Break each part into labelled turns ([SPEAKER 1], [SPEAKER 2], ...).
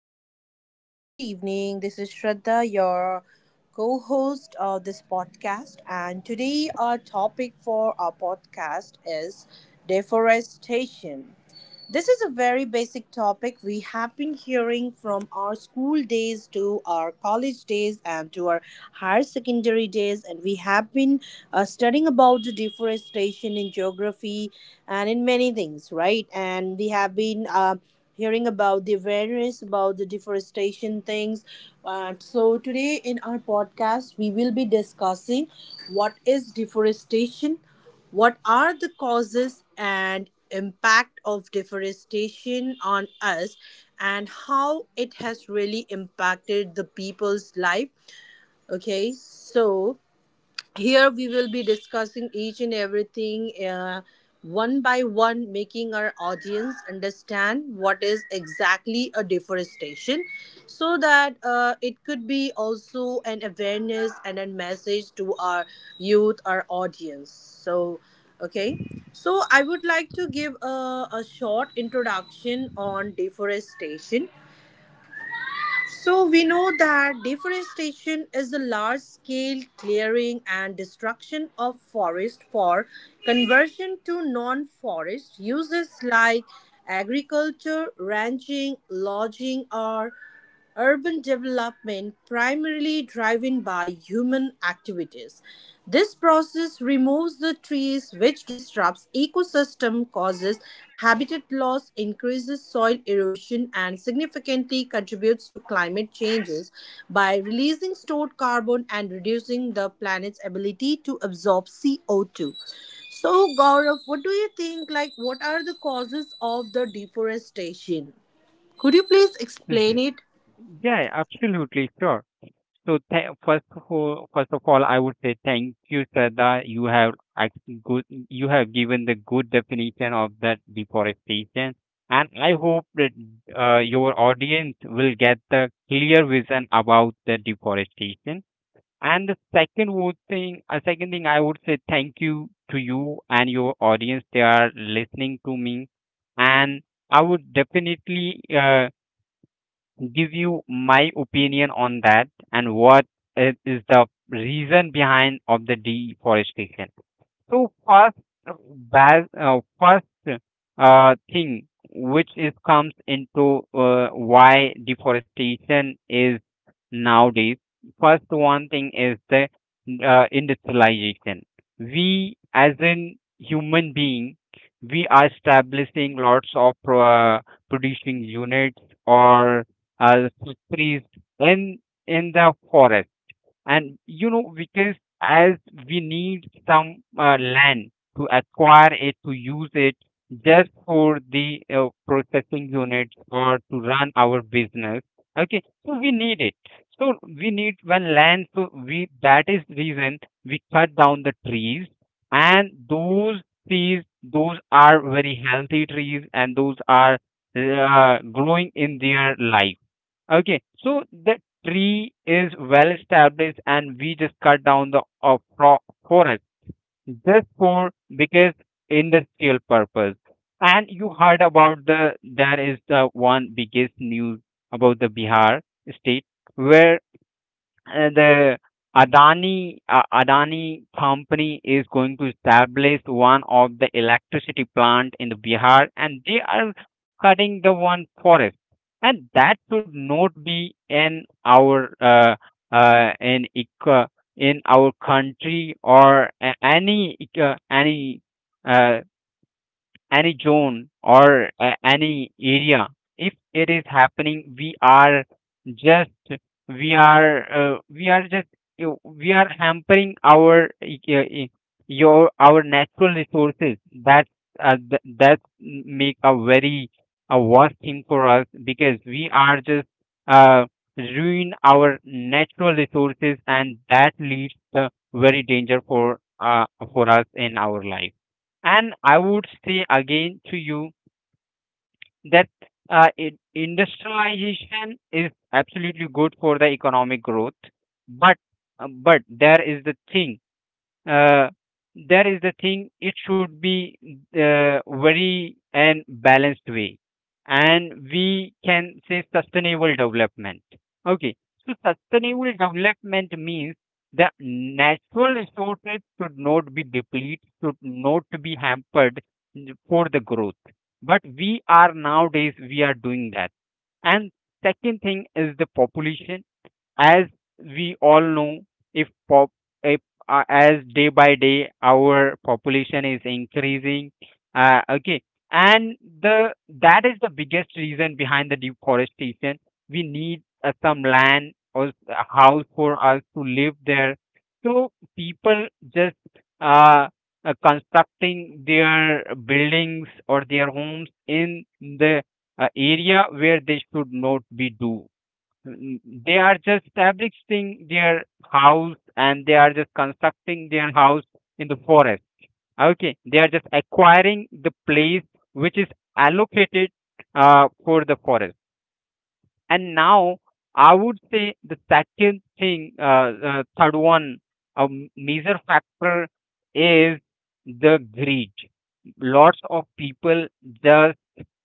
[SPEAKER 1] everybody. Good evening. This is Shraddha, your co host of this podcast. And today, our topic for our podcast is deforestation. This is a very basic topic we have been hearing from our school days to our college days and to our higher secondary days, and we have been studying about the deforestation in geography and in many things, right? And we have been hearing about the awareness about the deforestation things. So, today in our podcast, we will be discussing what is deforestation, what are the causes and impact of deforestation on us, and how it has really impacted the people's life? Okay, so here we will be discussing each and everything one by one, making our audience understand what is exactly a deforestation, so that it could be also an awareness and a message to our youth, our audience. So, okay. So, I would like to give a short introduction on deforestation. So we know that deforestation is the large-scale clearing and destruction of forest for conversion to non-forest uses like agriculture, ranching, lodging, or urban development primarily driven by human activities. This process removes the trees, which disrupts ecosystem, causes habitat loss, increases soil erosion, and significantly contributes to climate changes by releasing stored carbon and reducing the planet's ability to absorb CO2. So Gaurav, what do you think, like what are the causes of the deforestation? Could you please
[SPEAKER 2] Yeah,
[SPEAKER 1] explain it?
[SPEAKER 2] yeah, absolutely, sure. So th first of all, I would say thank you, Shraddha. Actually good, you have given the good definition of that deforestation, and I hope that your audience will get the clear vision about the deforestation. And the second would thing, a second thing, I would say thank you to you and your audience. They are listening to me, and I would definitely give you my opinion on that and what is the reason behind of the deforestation. So first, uh, bas first thing which is comes into why deforestation is nowadays. First one thing is the industrialization. We as in human being, we are establishing lots of producing units or factories in in the forest, and you know, because as we need some land to acquire it, to use it just for the processing units or to run our business, okay, so we need it, so we need one land, so we that is reason we cut down the trees. And those trees, those are very healthy trees and those are growing in their life. Okay, so the tree is well established, and we just cut down the forest just for, because, industrial purpose. And you heard about the that is the one biggest news about the Bihar state where the Adani company is going to establish one of the electricity plant in the Bihar, and they are cutting the one forest, and that should not be in our in in our country or any uh, any zone or any area. If it is happening, we are just, we are we are just we are hampering our e- e- e- your our natural resources. That that make a very a worst thing for us, because we are just uh, ruin our natural resources and that leads the very danger for us in our life. And I would say again to you that industrialization is absolutely good for the economic growth, but but there is the thing, uh, that is the thing, it should be very and balanced way, and we can say sustainable development. Okay, so sustainable development means the natural resources should not be depleted, should not be hampered for the growth, but we are nowadays we are doing that. And second thing is the population. As we all know, if pop if, as day by day our population is increasing, okay, and the that is the biggest reason behind the deforestation. We need some land or a house for us to live there. So people just uh, constructing their buildings or their homes in the area where they should not be do. Mm, they are just establishing their house and they are just constructing their house in the forest. Okay, they are just acquiring the place which is allocated for the forest. And now I would say the second thing, third one, a major factor is the greed. Lots of people just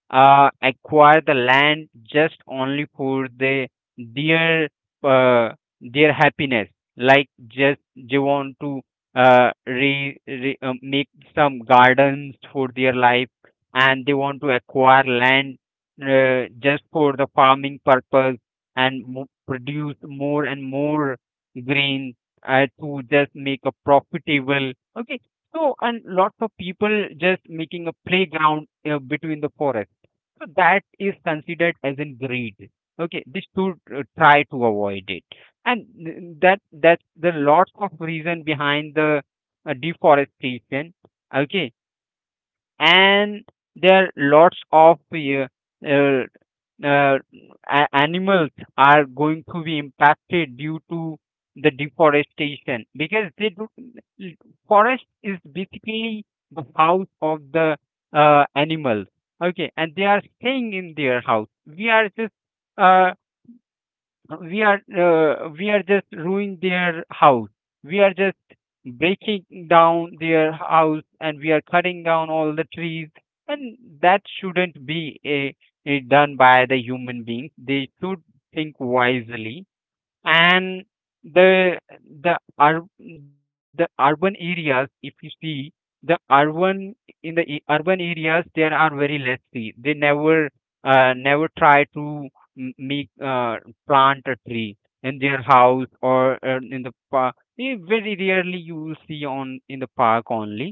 [SPEAKER 2] acquire the land just only for the their uh, their happiness, like just they want to re, re make some gardens for their life, and they want to acquire land just for the farming purpose and produce more and more grain to just make a profitable, okay. So and lots of people just making a playground between the forest, so that is considered as in greed. Okay, this should try to avoid it, and that the lots of reason behind the deforestation. Okay, and there are lots of uh, uh, animals are going to be impacted due to the deforestation, because they do, forest is basically the house of the animals. Okay, and they are staying in their house, we are just uh, we are just ruining their house, we are just breaking down their house, and we are cutting down all the trees. And that shouldn't be a done by the human beings, they should think wisely. And the the ur- the urban areas, if you see, the urban, in the urban areas, there are very less tree, they never never try to make plant a tree in their house or in the park, very rarely you will see on in the park only,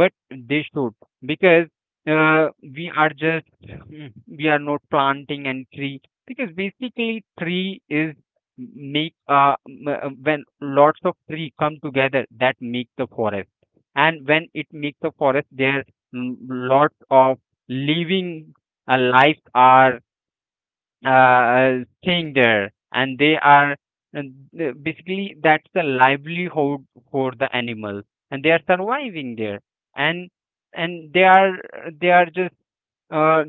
[SPEAKER 2] but they should, because we are just, mm, we are not planting any tree, because basically tree is when lots of tree come together that make the forest. And when it makes the forest there, mm, lots of living lives are staying there, and they are, and basically that's the livelihood for the animals, and they are surviving there, and and they are, they are just uh,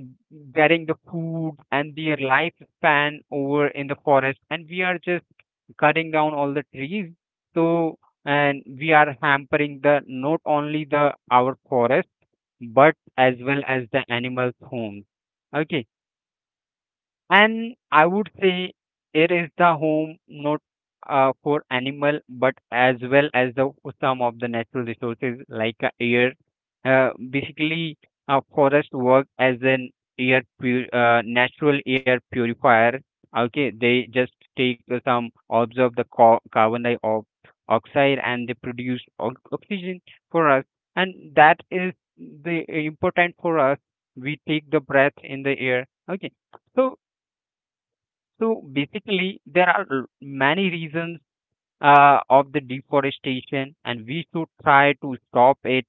[SPEAKER 2] getting the food and their lifespan over in the forest, and we are just cutting down all the trees. So and we are hampering the not only the our forest, but as well as the animals homes. Okay, and I would say it is the home not for animal, but as well as the some of the natural resources, like air. Basically, forest work as an natural air purifier. Okay, they just take some observe the carbon dioxide, and they produce oxygen for us, and that is the important for us. We take the breath in the air. Okay. So so basically, there are many reasons of the deforestation, and we should try to stop it,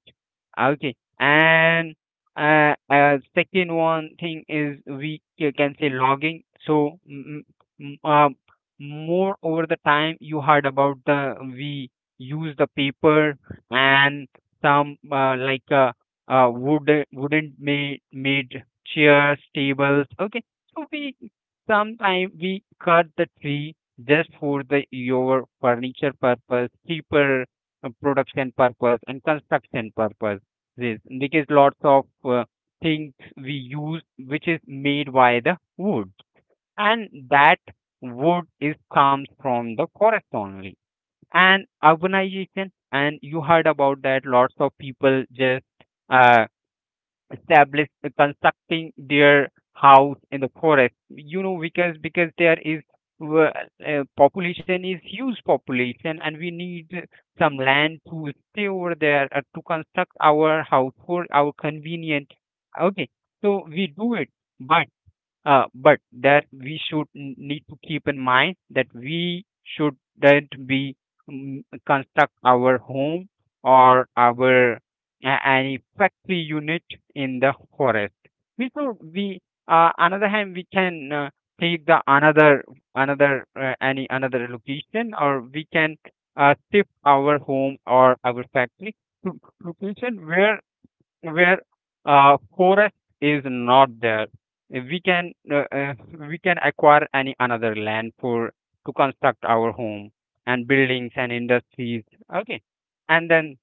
[SPEAKER 2] okay. And second one thing is we can say logging. So mm, uh, more over the time you heard about the, we use the paper and some wooden made chairs, tables, okay. So we sometime we cut the tree just for the your furniture purpose, cheaper production purpose and construction purpose. This because lots of things we use which is made by the wood, and that wood is comes from the forest only. And urbanization, and you heard about that. Lots of people just uh, establish constructing their house in the forest, you know, because there is uh, population is huge population, and we need some land to stay over there to construct our house for our convenient, okay. So we do it, but but that we should need to keep in mind that we shouldn't be, mm, construct our home or our any factory unit in the forest. We should we another hand, we can take the another, another any another location, or we can shift our home or our factory to location where forest is not there, we can uh, uh, we can acquire any another land for to construct our home and buildings and industries, okay. And then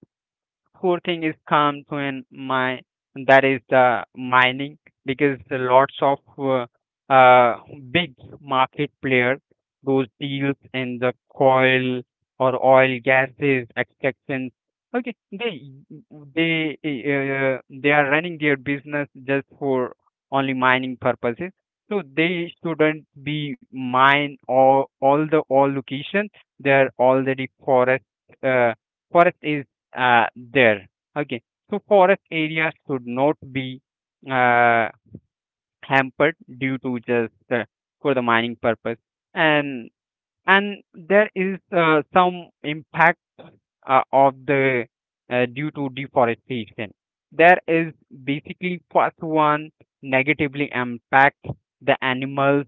[SPEAKER 2] core thing is come to an my, that is the mining, because the lots of uh, big market players, those deals in the coal or oil gases extraction, okay. They they are running their business just for only mining purposes. So they shouldn't be mine all the all location, they are already forest, uh, forest is there. Okay, so forest areas should not be uh, hampered due to just for the mining purpose. And and there is some impact of the due to deforestation. There is basically first one negatively impact the animals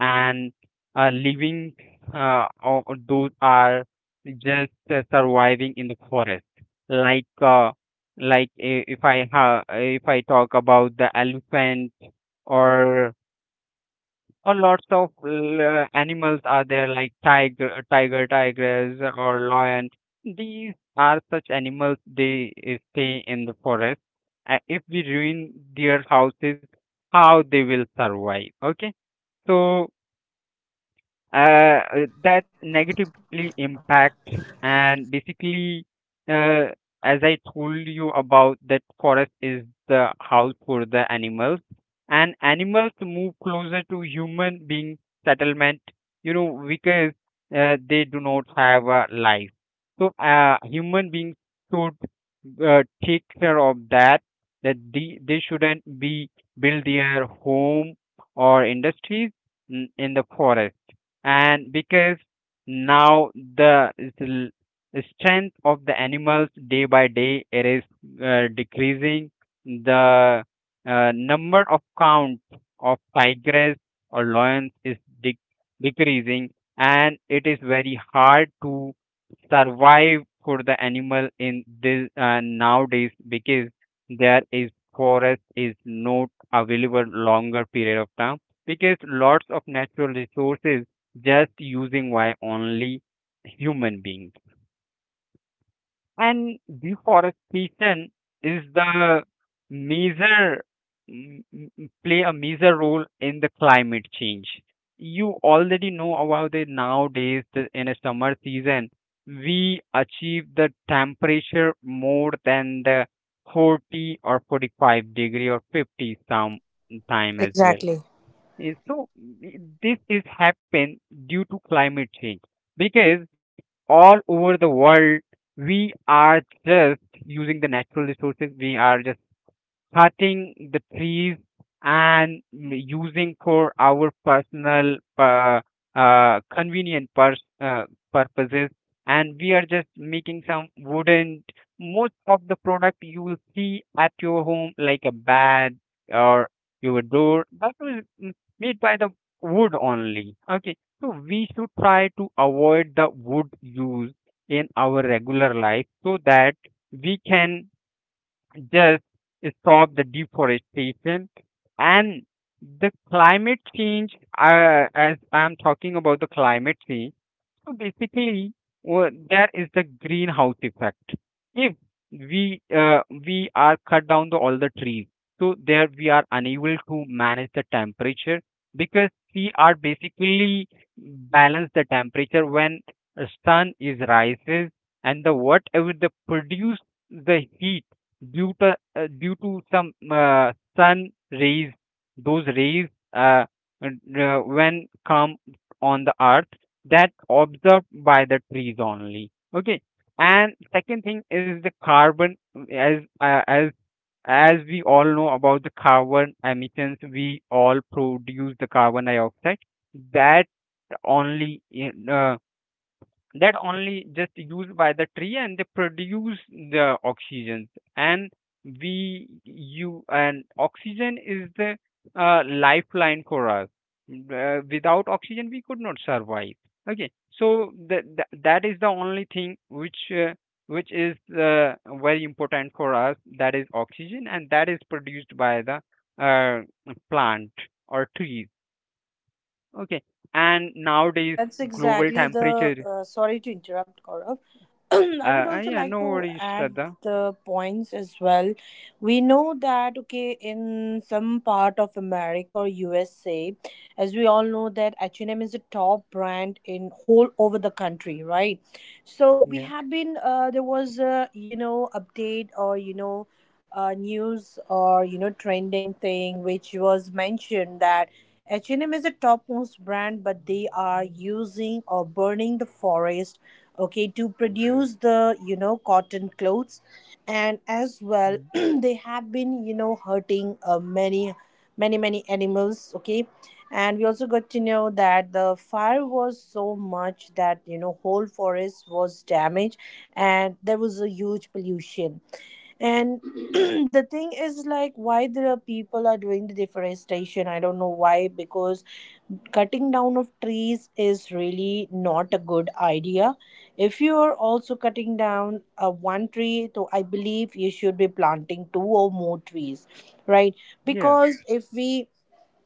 [SPEAKER 2] and living or those are just surviving in the forest, like if I talk about the elephant, or or lots of animals are there, like tiger, tigress or lion. These are such animals. They stay in the forest. If we ruin their houses, how they will survive? Okay. So that negatively impact and basically, uh, as I told you about that forest is the house for the animals, and animals move closer to human being settlement because they do not have a life. So human beings should take care of that, that they shouldn't be build their home or industries in the forest. And because now the l- strength of the animals day by day it is decreasing. The number of count of tigers or lions is de- decreasing, and it is very hard to survive for the animal in this nowadays because there is forest is not available longer period of time, because lots of natural resources just using why only human beings. And deforestation is the major m- m- play a major role in the climate change. You already know about it nowadays in a summer season, we achieve the temperature more than the 40 or 45 degree or 50 some time as well.
[SPEAKER 1] Exactly.
[SPEAKER 2] Yes. So th- this is happen due to climate change because all over the world we are just using the natural resources. We are just cutting the trees and using for our personal convenient purposes, and we are just making some wooden. Most of the product you will see at your home like a bed or your door that was made by the wood only. Okay, so we should try to avoid the wood use in our regular life so that we can just stop the deforestation and the climate change. As I'm talking about the climate change. So basically, what there is the greenhouse effect. If we we are cut down all the trees, so there we are unable to manage the temperature, because we are basically balance the temperature when a sun is rises and the whatever the produce the heat due to due to some sun rays, those rays uh, and, when come on the earth, that's observed by the trees only. Okay, and second thing is the carbon. As uh, as as we all know about the carbon emissions, we all produce the carbon dioxide. That only, uh, that only just used by the tree and they produce the oxygen. And we you and oxygen is the lifeline for us. Without oxygen we could not survive. Okay, so that, that is the only thing which is very important for us, that is oxygen, and that is produced by the uh, plant or trees. Okay. And nowadays
[SPEAKER 1] That's
[SPEAKER 2] global
[SPEAKER 1] exactly the.
[SPEAKER 2] temperature.
[SPEAKER 1] Sorry to interrupt, Gaurav. I would also
[SPEAKER 2] Yeah,
[SPEAKER 1] like
[SPEAKER 2] no
[SPEAKER 1] to
[SPEAKER 2] worries,
[SPEAKER 1] add
[SPEAKER 2] Shraddha.
[SPEAKER 1] the points as well. We know that, okay, in some part of America or USA, as we all know that H&M is a top brand in whole over the country, right? So we
[SPEAKER 2] Yeah,
[SPEAKER 1] have been. There was a, update or you know. News or, trending thing which was mentioned that H&M is a topmost brand, but they are using or burning the forest, okay, to produce the cotton clothes, and as well
[SPEAKER 2] mm,
[SPEAKER 1] they have been, hurting many, many animals, okay, and we also got to know that the fire was so much that, whole forest was damaged, and there was a huge pollution, and the thing is, like, why the people are doing the deforestation. I don't know why, because cutting down of trees is really not a good idea. If you are also cutting down one tree, so I believe you should be planting two or more trees, right?
[SPEAKER 2] yeah,
[SPEAKER 1] Because if we,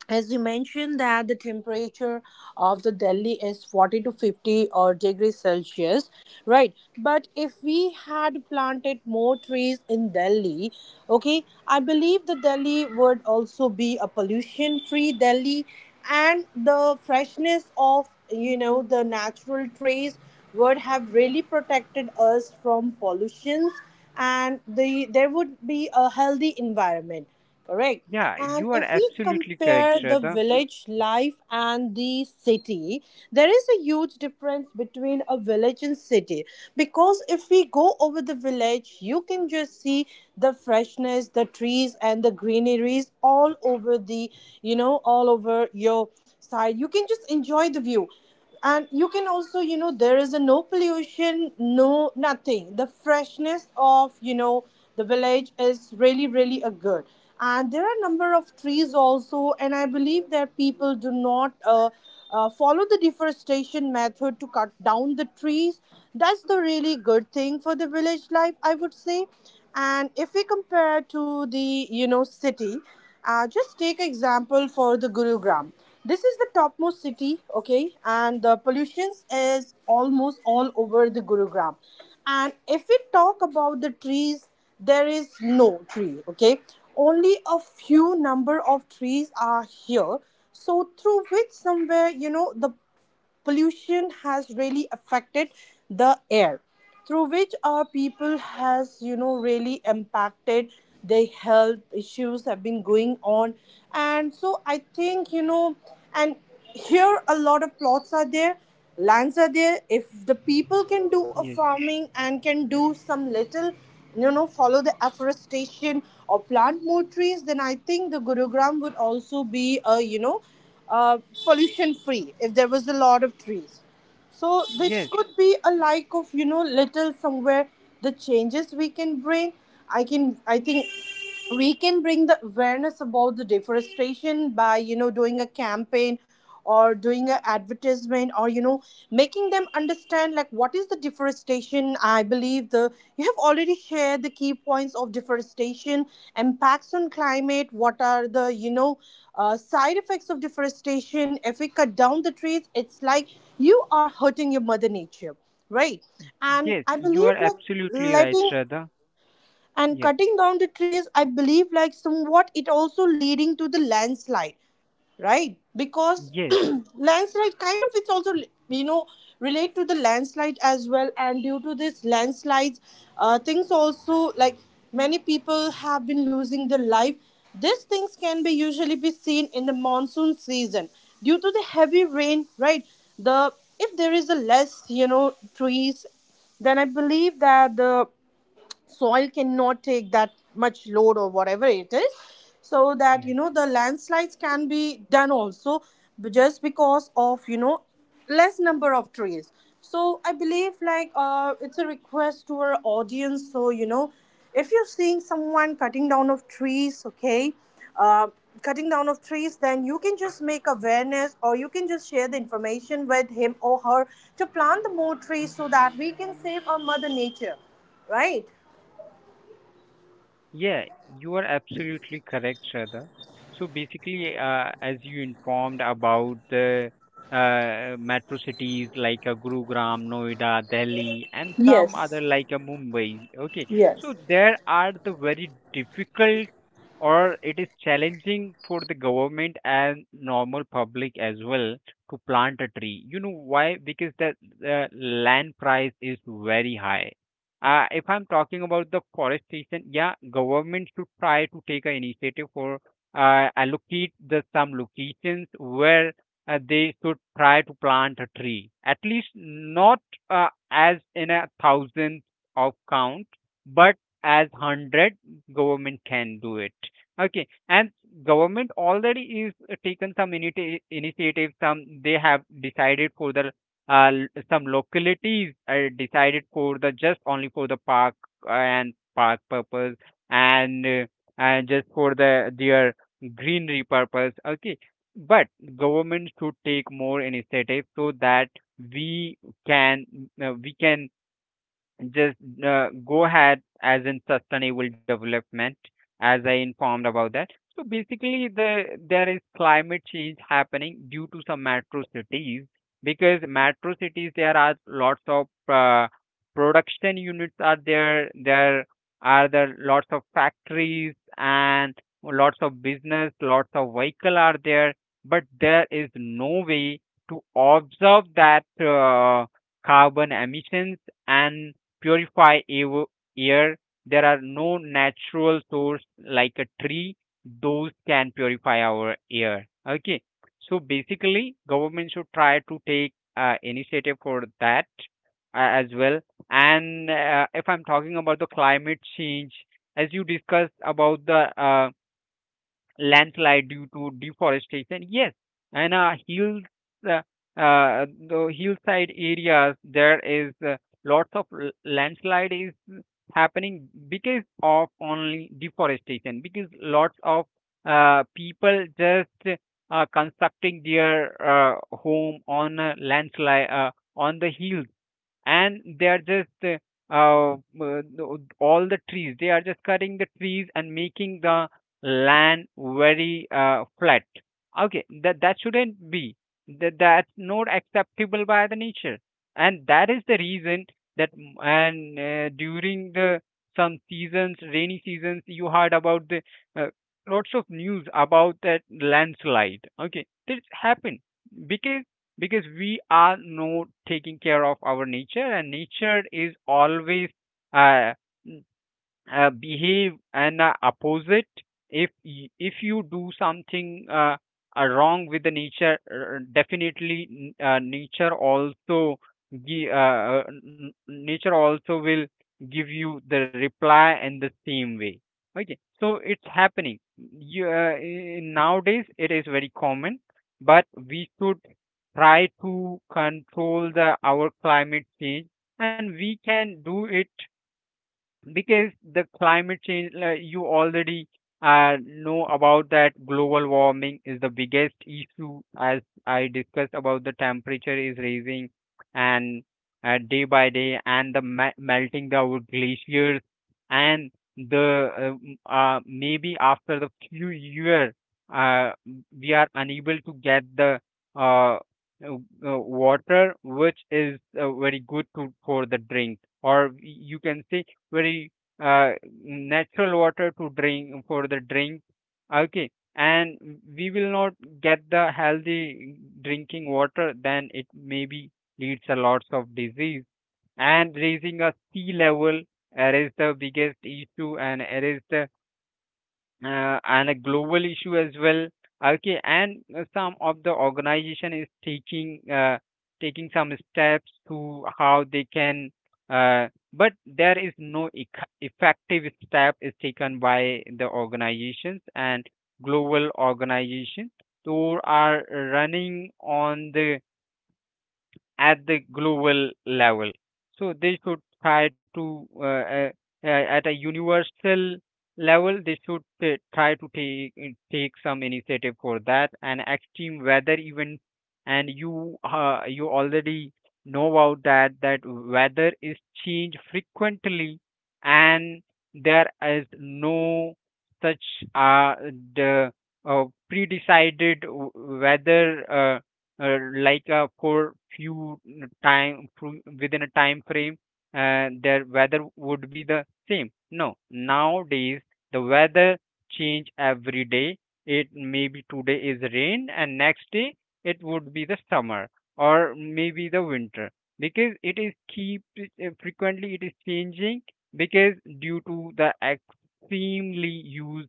[SPEAKER 1] as you mentioned, that the temperature of the Delhi is 40 to 50 or degrees celsius, right? But if we had planted more trees in Delhi, okay, I believe the Delhi would also be a pollution free Delhi, and the freshness of, the natural trees would have really protected us from pollutions, and the there would be a healthy environment. Correct.
[SPEAKER 2] yeah.
[SPEAKER 1] And
[SPEAKER 2] You are
[SPEAKER 1] if we
[SPEAKER 2] absolutely correct,
[SPEAKER 1] compare the
[SPEAKER 2] Shraddha.
[SPEAKER 1] village life and the city, there is a huge difference between a village and city. Because if we go over the village, you can just see the freshness, the trees, and the greeneries all over the, you know, all over your side. You can just enjoy the view, and you can also, there is a no pollution, no nothing. The freshness of, the village is really really a good, and there are number of trees also, and I believe that people do not follow the deforestation method to cut down the trees. That's the really good thing for the village life, I would say. And if we compare to the city, just take example for the Gurugram. This is the topmost city, okay, and the pollution is almost all over the Gurugram. And if we talk about the trees, there is no tree, okay. Only a few number of trees are here, so through which somewhere, the pollution has really affected the air, through which our people has, really impacted. Their health issues have been going on, and so I think, and here a lot of plots are there, lands are there. If the people can do a
[SPEAKER 2] Yes,
[SPEAKER 1] farming and can do some little, follow the afforestation or plant more trees, then I think the Gurugram would also be a, pollution free if there was a lot of trees. So this
[SPEAKER 2] yes,
[SPEAKER 1] could be a, like, of, little somewhere the changes we can bring. I can, I think we can bring the awareness about the deforestation by, doing a campaign or doing an advertisement or, making them understand like what is the deforestation. I believe the you have already shared the key points of deforestation, impacts on climate, what are the, side effects of deforestation. If we cut down the trees, it's like you are hurting your mother nature, right? And
[SPEAKER 2] yes.
[SPEAKER 1] I
[SPEAKER 2] You are
[SPEAKER 1] believe, like,
[SPEAKER 2] absolutely right,
[SPEAKER 1] letting
[SPEAKER 2] Shraddha.
[SPEAKER 1] and
[SPEAKER 2] Yes,
[SPEAKER 1] cutting down the trees, I believe, like, somewhat it also leading to the landslide, right? Because
[SPEAKER 2] yes.
[SPEAKER 1] landslide kind of it's also, you know relate to the landslide as well, and due to this landslides things also, like many people have been losing their life. These things can be usually be seen in the monsoon season due to the heavy rain, right? The if there is a less, trees, then I believe that the soil cannot take that much load or whatever it is. So that,
[SPEAKER 2] Yeah.
[SPEAKER 1] the landslides can be done also just because of, less number of trees. So I believe, like, it's a request to our audience, so, if you're seeing someone cutting down of trees, okay, uh, cutting down of trees, then you can just make awareness or you can just share the information with him or her to plant the more trees, so that we can save our mother nature, right?
[SPEAKER 2] Yeah, you are absolutely correct, Shraddha. So basically, as you informed about the metro cities like Gurugram, Noida, Delhi, and some other
[SPEAKER 1] Yes.
[SPEAKER 2] like Mumbai. Okay, so
[SPEAKER 1] Yes.
[SPEAKER 2] there are the very difficult or it is challenging for the government and normal public as well to plant a tree. You know why? Because the land price is very high. If I'm talking about the forestation, yeah, government should try to take an initiative for allocate the some locations where they should try to plant a tree. At least not as in 1,000 of count, but as 100 government can do it. Okay, and government already is taken some initiative. Some they have decided for the some localities are decided for the just only for the park and park purpose, and uh, and just for the their greenery purpose. Okay, but government should take more initiative so that we can, we can just go ahead as in sustainable development, as I informed about that. So basically the there is climate change happening due to some metro cities, because metro cities there are lots of production units are there. There are the lots of factories and lots of business, lots of vehicle are there, but there is no way to observe that carbon emissions and purify air. There are no natural source like a tree. Those can purify our air. Okay. So basically, government should try to take initiative for that as well. And if I'm talking about the climate change, as you discussed about the landslide due to deforestation. Yes, and hills, uh, the hillside areas, there is lots of landslide is happening because of only deforestation. Because lots of people just constructing their home on a landslide on the hills, and they are just all the trees they are just cutting the trees and making the land very flat. Okay, that that shouldn't be, that that's not acceptable by the nature, and that is the reason that m- and during the some seasons rainy seasons you heard about the uh, lots of news about that landslide. Okay, this happened because because we are not taking care of our nature, and nature is always uh, behave and opposite. If if you do something wrong with the nature, definitely nature also gi- uh, nature also will give you the reply in the same way. Okay, so it's happening nowadays it is very common, but we should try to control the our climate change, and we can do it. Because the climate change, like you already know about that, global warming is the biggest issue. As I discussed about the temperature is raising and day by day and the melting the our glaciers. And the maybe after the few year, uh, we are unable to get the uh, uh, water which is very good to for the drink, or you can say very uh, natural water to drink for the drink. Okay, and we will not get the healthy drinking water, then it maybe leads a lots of disease. And raising a sea level, it is the biggest issue, and it is the and a global issue as well. Okay, and some of the organization is taking taking some steps to how they can, uh, but there is no effective step is taken by the organizations and global organizations who are running on the at the global level. So they should try to at a universal level they should try to take some initiative for that. And extreme weather event, and you already know about that, that weather is changed frequently, and there is no such uh, the pre-decided weather, like for few time within a time frame, their weather would be the same. No nowadays the weather change every day. It maybe today is rain and next day it would be the summer, or maybe the winter, because it is keep frequently it is changing, because due to the extremely use,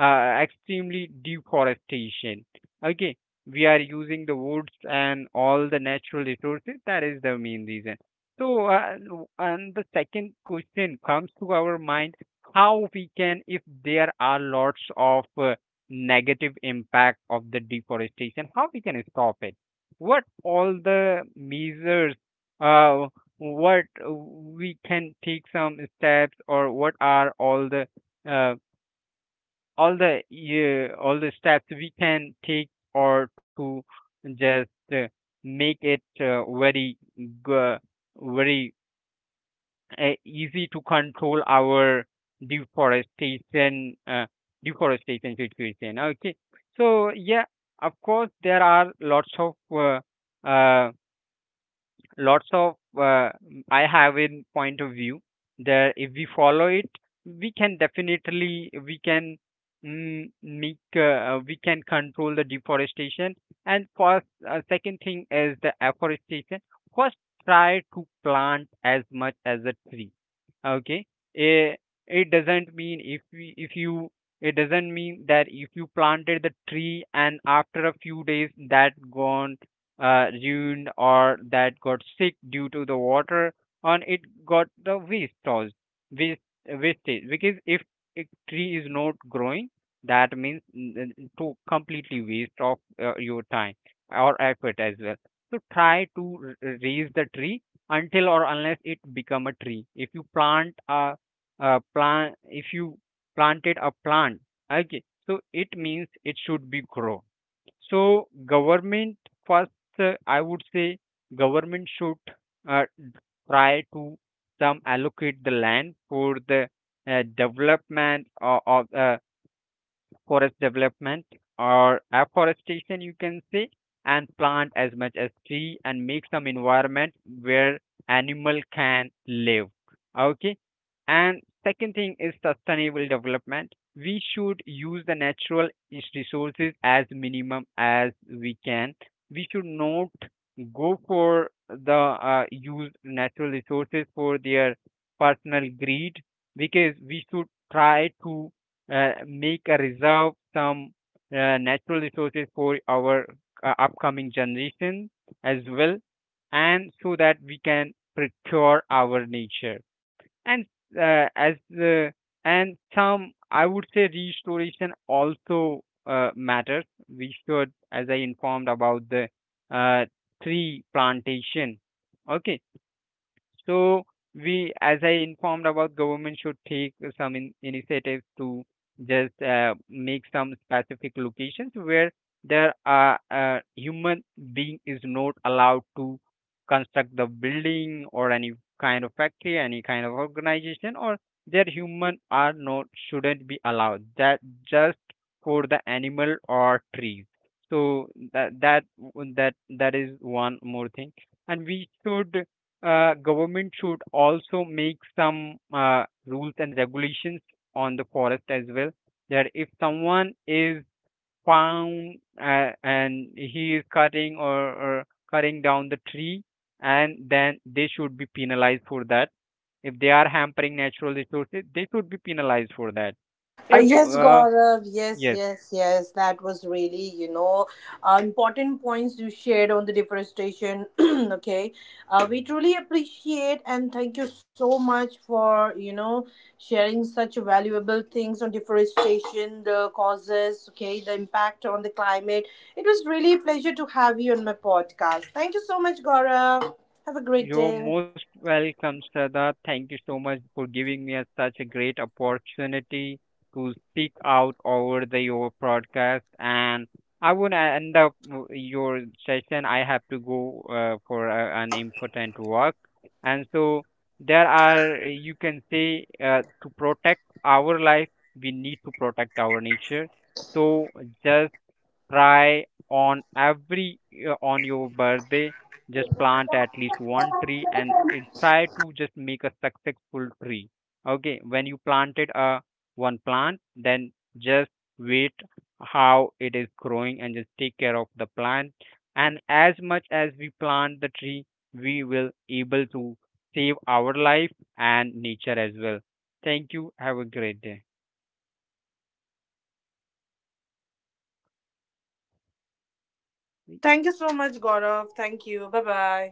[SPEAKER 2] extremely deforestation. Okay, we are using the woods and all the natural resources. That is the main reason. So, and the second question comes to our mind: how we can, if there are lots of negative impact of the deforestation, how we can stop it? What all the measures? Uh, what we can take some steps, or what are all the uh, yeah, all the steps we can take or to just make it very easy to control our deforestation uh, deforestation situation. Okay, so yeah, of course there are lots of uh, lots of uh, I have in point of view that if we follow it, we can definitely we can mm, make we can control the deforestation. And first second thing is the afforestation. First, try to plant as much as a tree. Okay, it, it doesn't mean if we, if you it doesn't mean that if you planted the tree and after a few days that gone ruined or that got sick due to the water on it, got the waste tossed waste wastage. Because if a tree is not growing, that means to completely waste of your time or effort as well. So try to raise the tree until or unless it become a tree. If you plant a plant, if you planted a plant, okay, so it means it should be grow. So government first, I would say government should uh, try to some allocate the land for the development of forest development or afforestation you can say, and plant as much as tree and make some environment where animal can live. Okay. And second thing is sustainable development. We should use the natural resources as minimum as we can. We should not go for the use natural resources for their personal greed, because we should try to make a reserve some natural resources for our upcoming generation as well, and so that we can procure our nature. And as and some I would say restoration also matters. We should, as I informed about the uh, tree plantation. Okay, so we, as I informed about, government should take some in initiatives to just make some specific locations where there are human being is not allowed to construct the building or any kind of factory, any kind of organization, or their human are not shouldn't be allowed. That just for the animal or trees. So that that that that is one more thing. And we should government should also make some rules and regulations on the forest as well, that if someone is found and he is cutting or cutting down the tree, and then they should be penalized for that. If they are hampering natural resources, they should be penalized for that. If
[SPEAKER 1] Yes, Gaurav. Yes,
[SPEAKER 2] yes.
[SPEAKER 1] yes, yes. That was really, important points you shared on the deforestation. okay, we truly appreciate and thank you so much for, sharing such valuable things on deforestation, the causes, okay, the impact on the climate. It was really a pleasure to have you on my podcast. Thank you so much, Gaurav. Have a great
[SPEAKER 2] You're
[SPEAKER 1] day.
[SPEAKER 2] most welcome, Shraddha. Thank you so much for giving me a, such a great opportunity to speak out over the your broadcast. And I would end up your session. I have to go for a, an important work, and so there are you can say to protect our life, we need to protect our nature. So just try on every on your birthday just plant at least one tree, and it, try to just make a successful tree. Okay, when you planted a one plant, then just wait how it is growing and just take care of the plant. And as much as we plant the tree, we will able to save our life and nature as well. Thank you, have a great day.
[SPEAKER 1] Thank you so much, Gaurav. Thank you. Bye bye.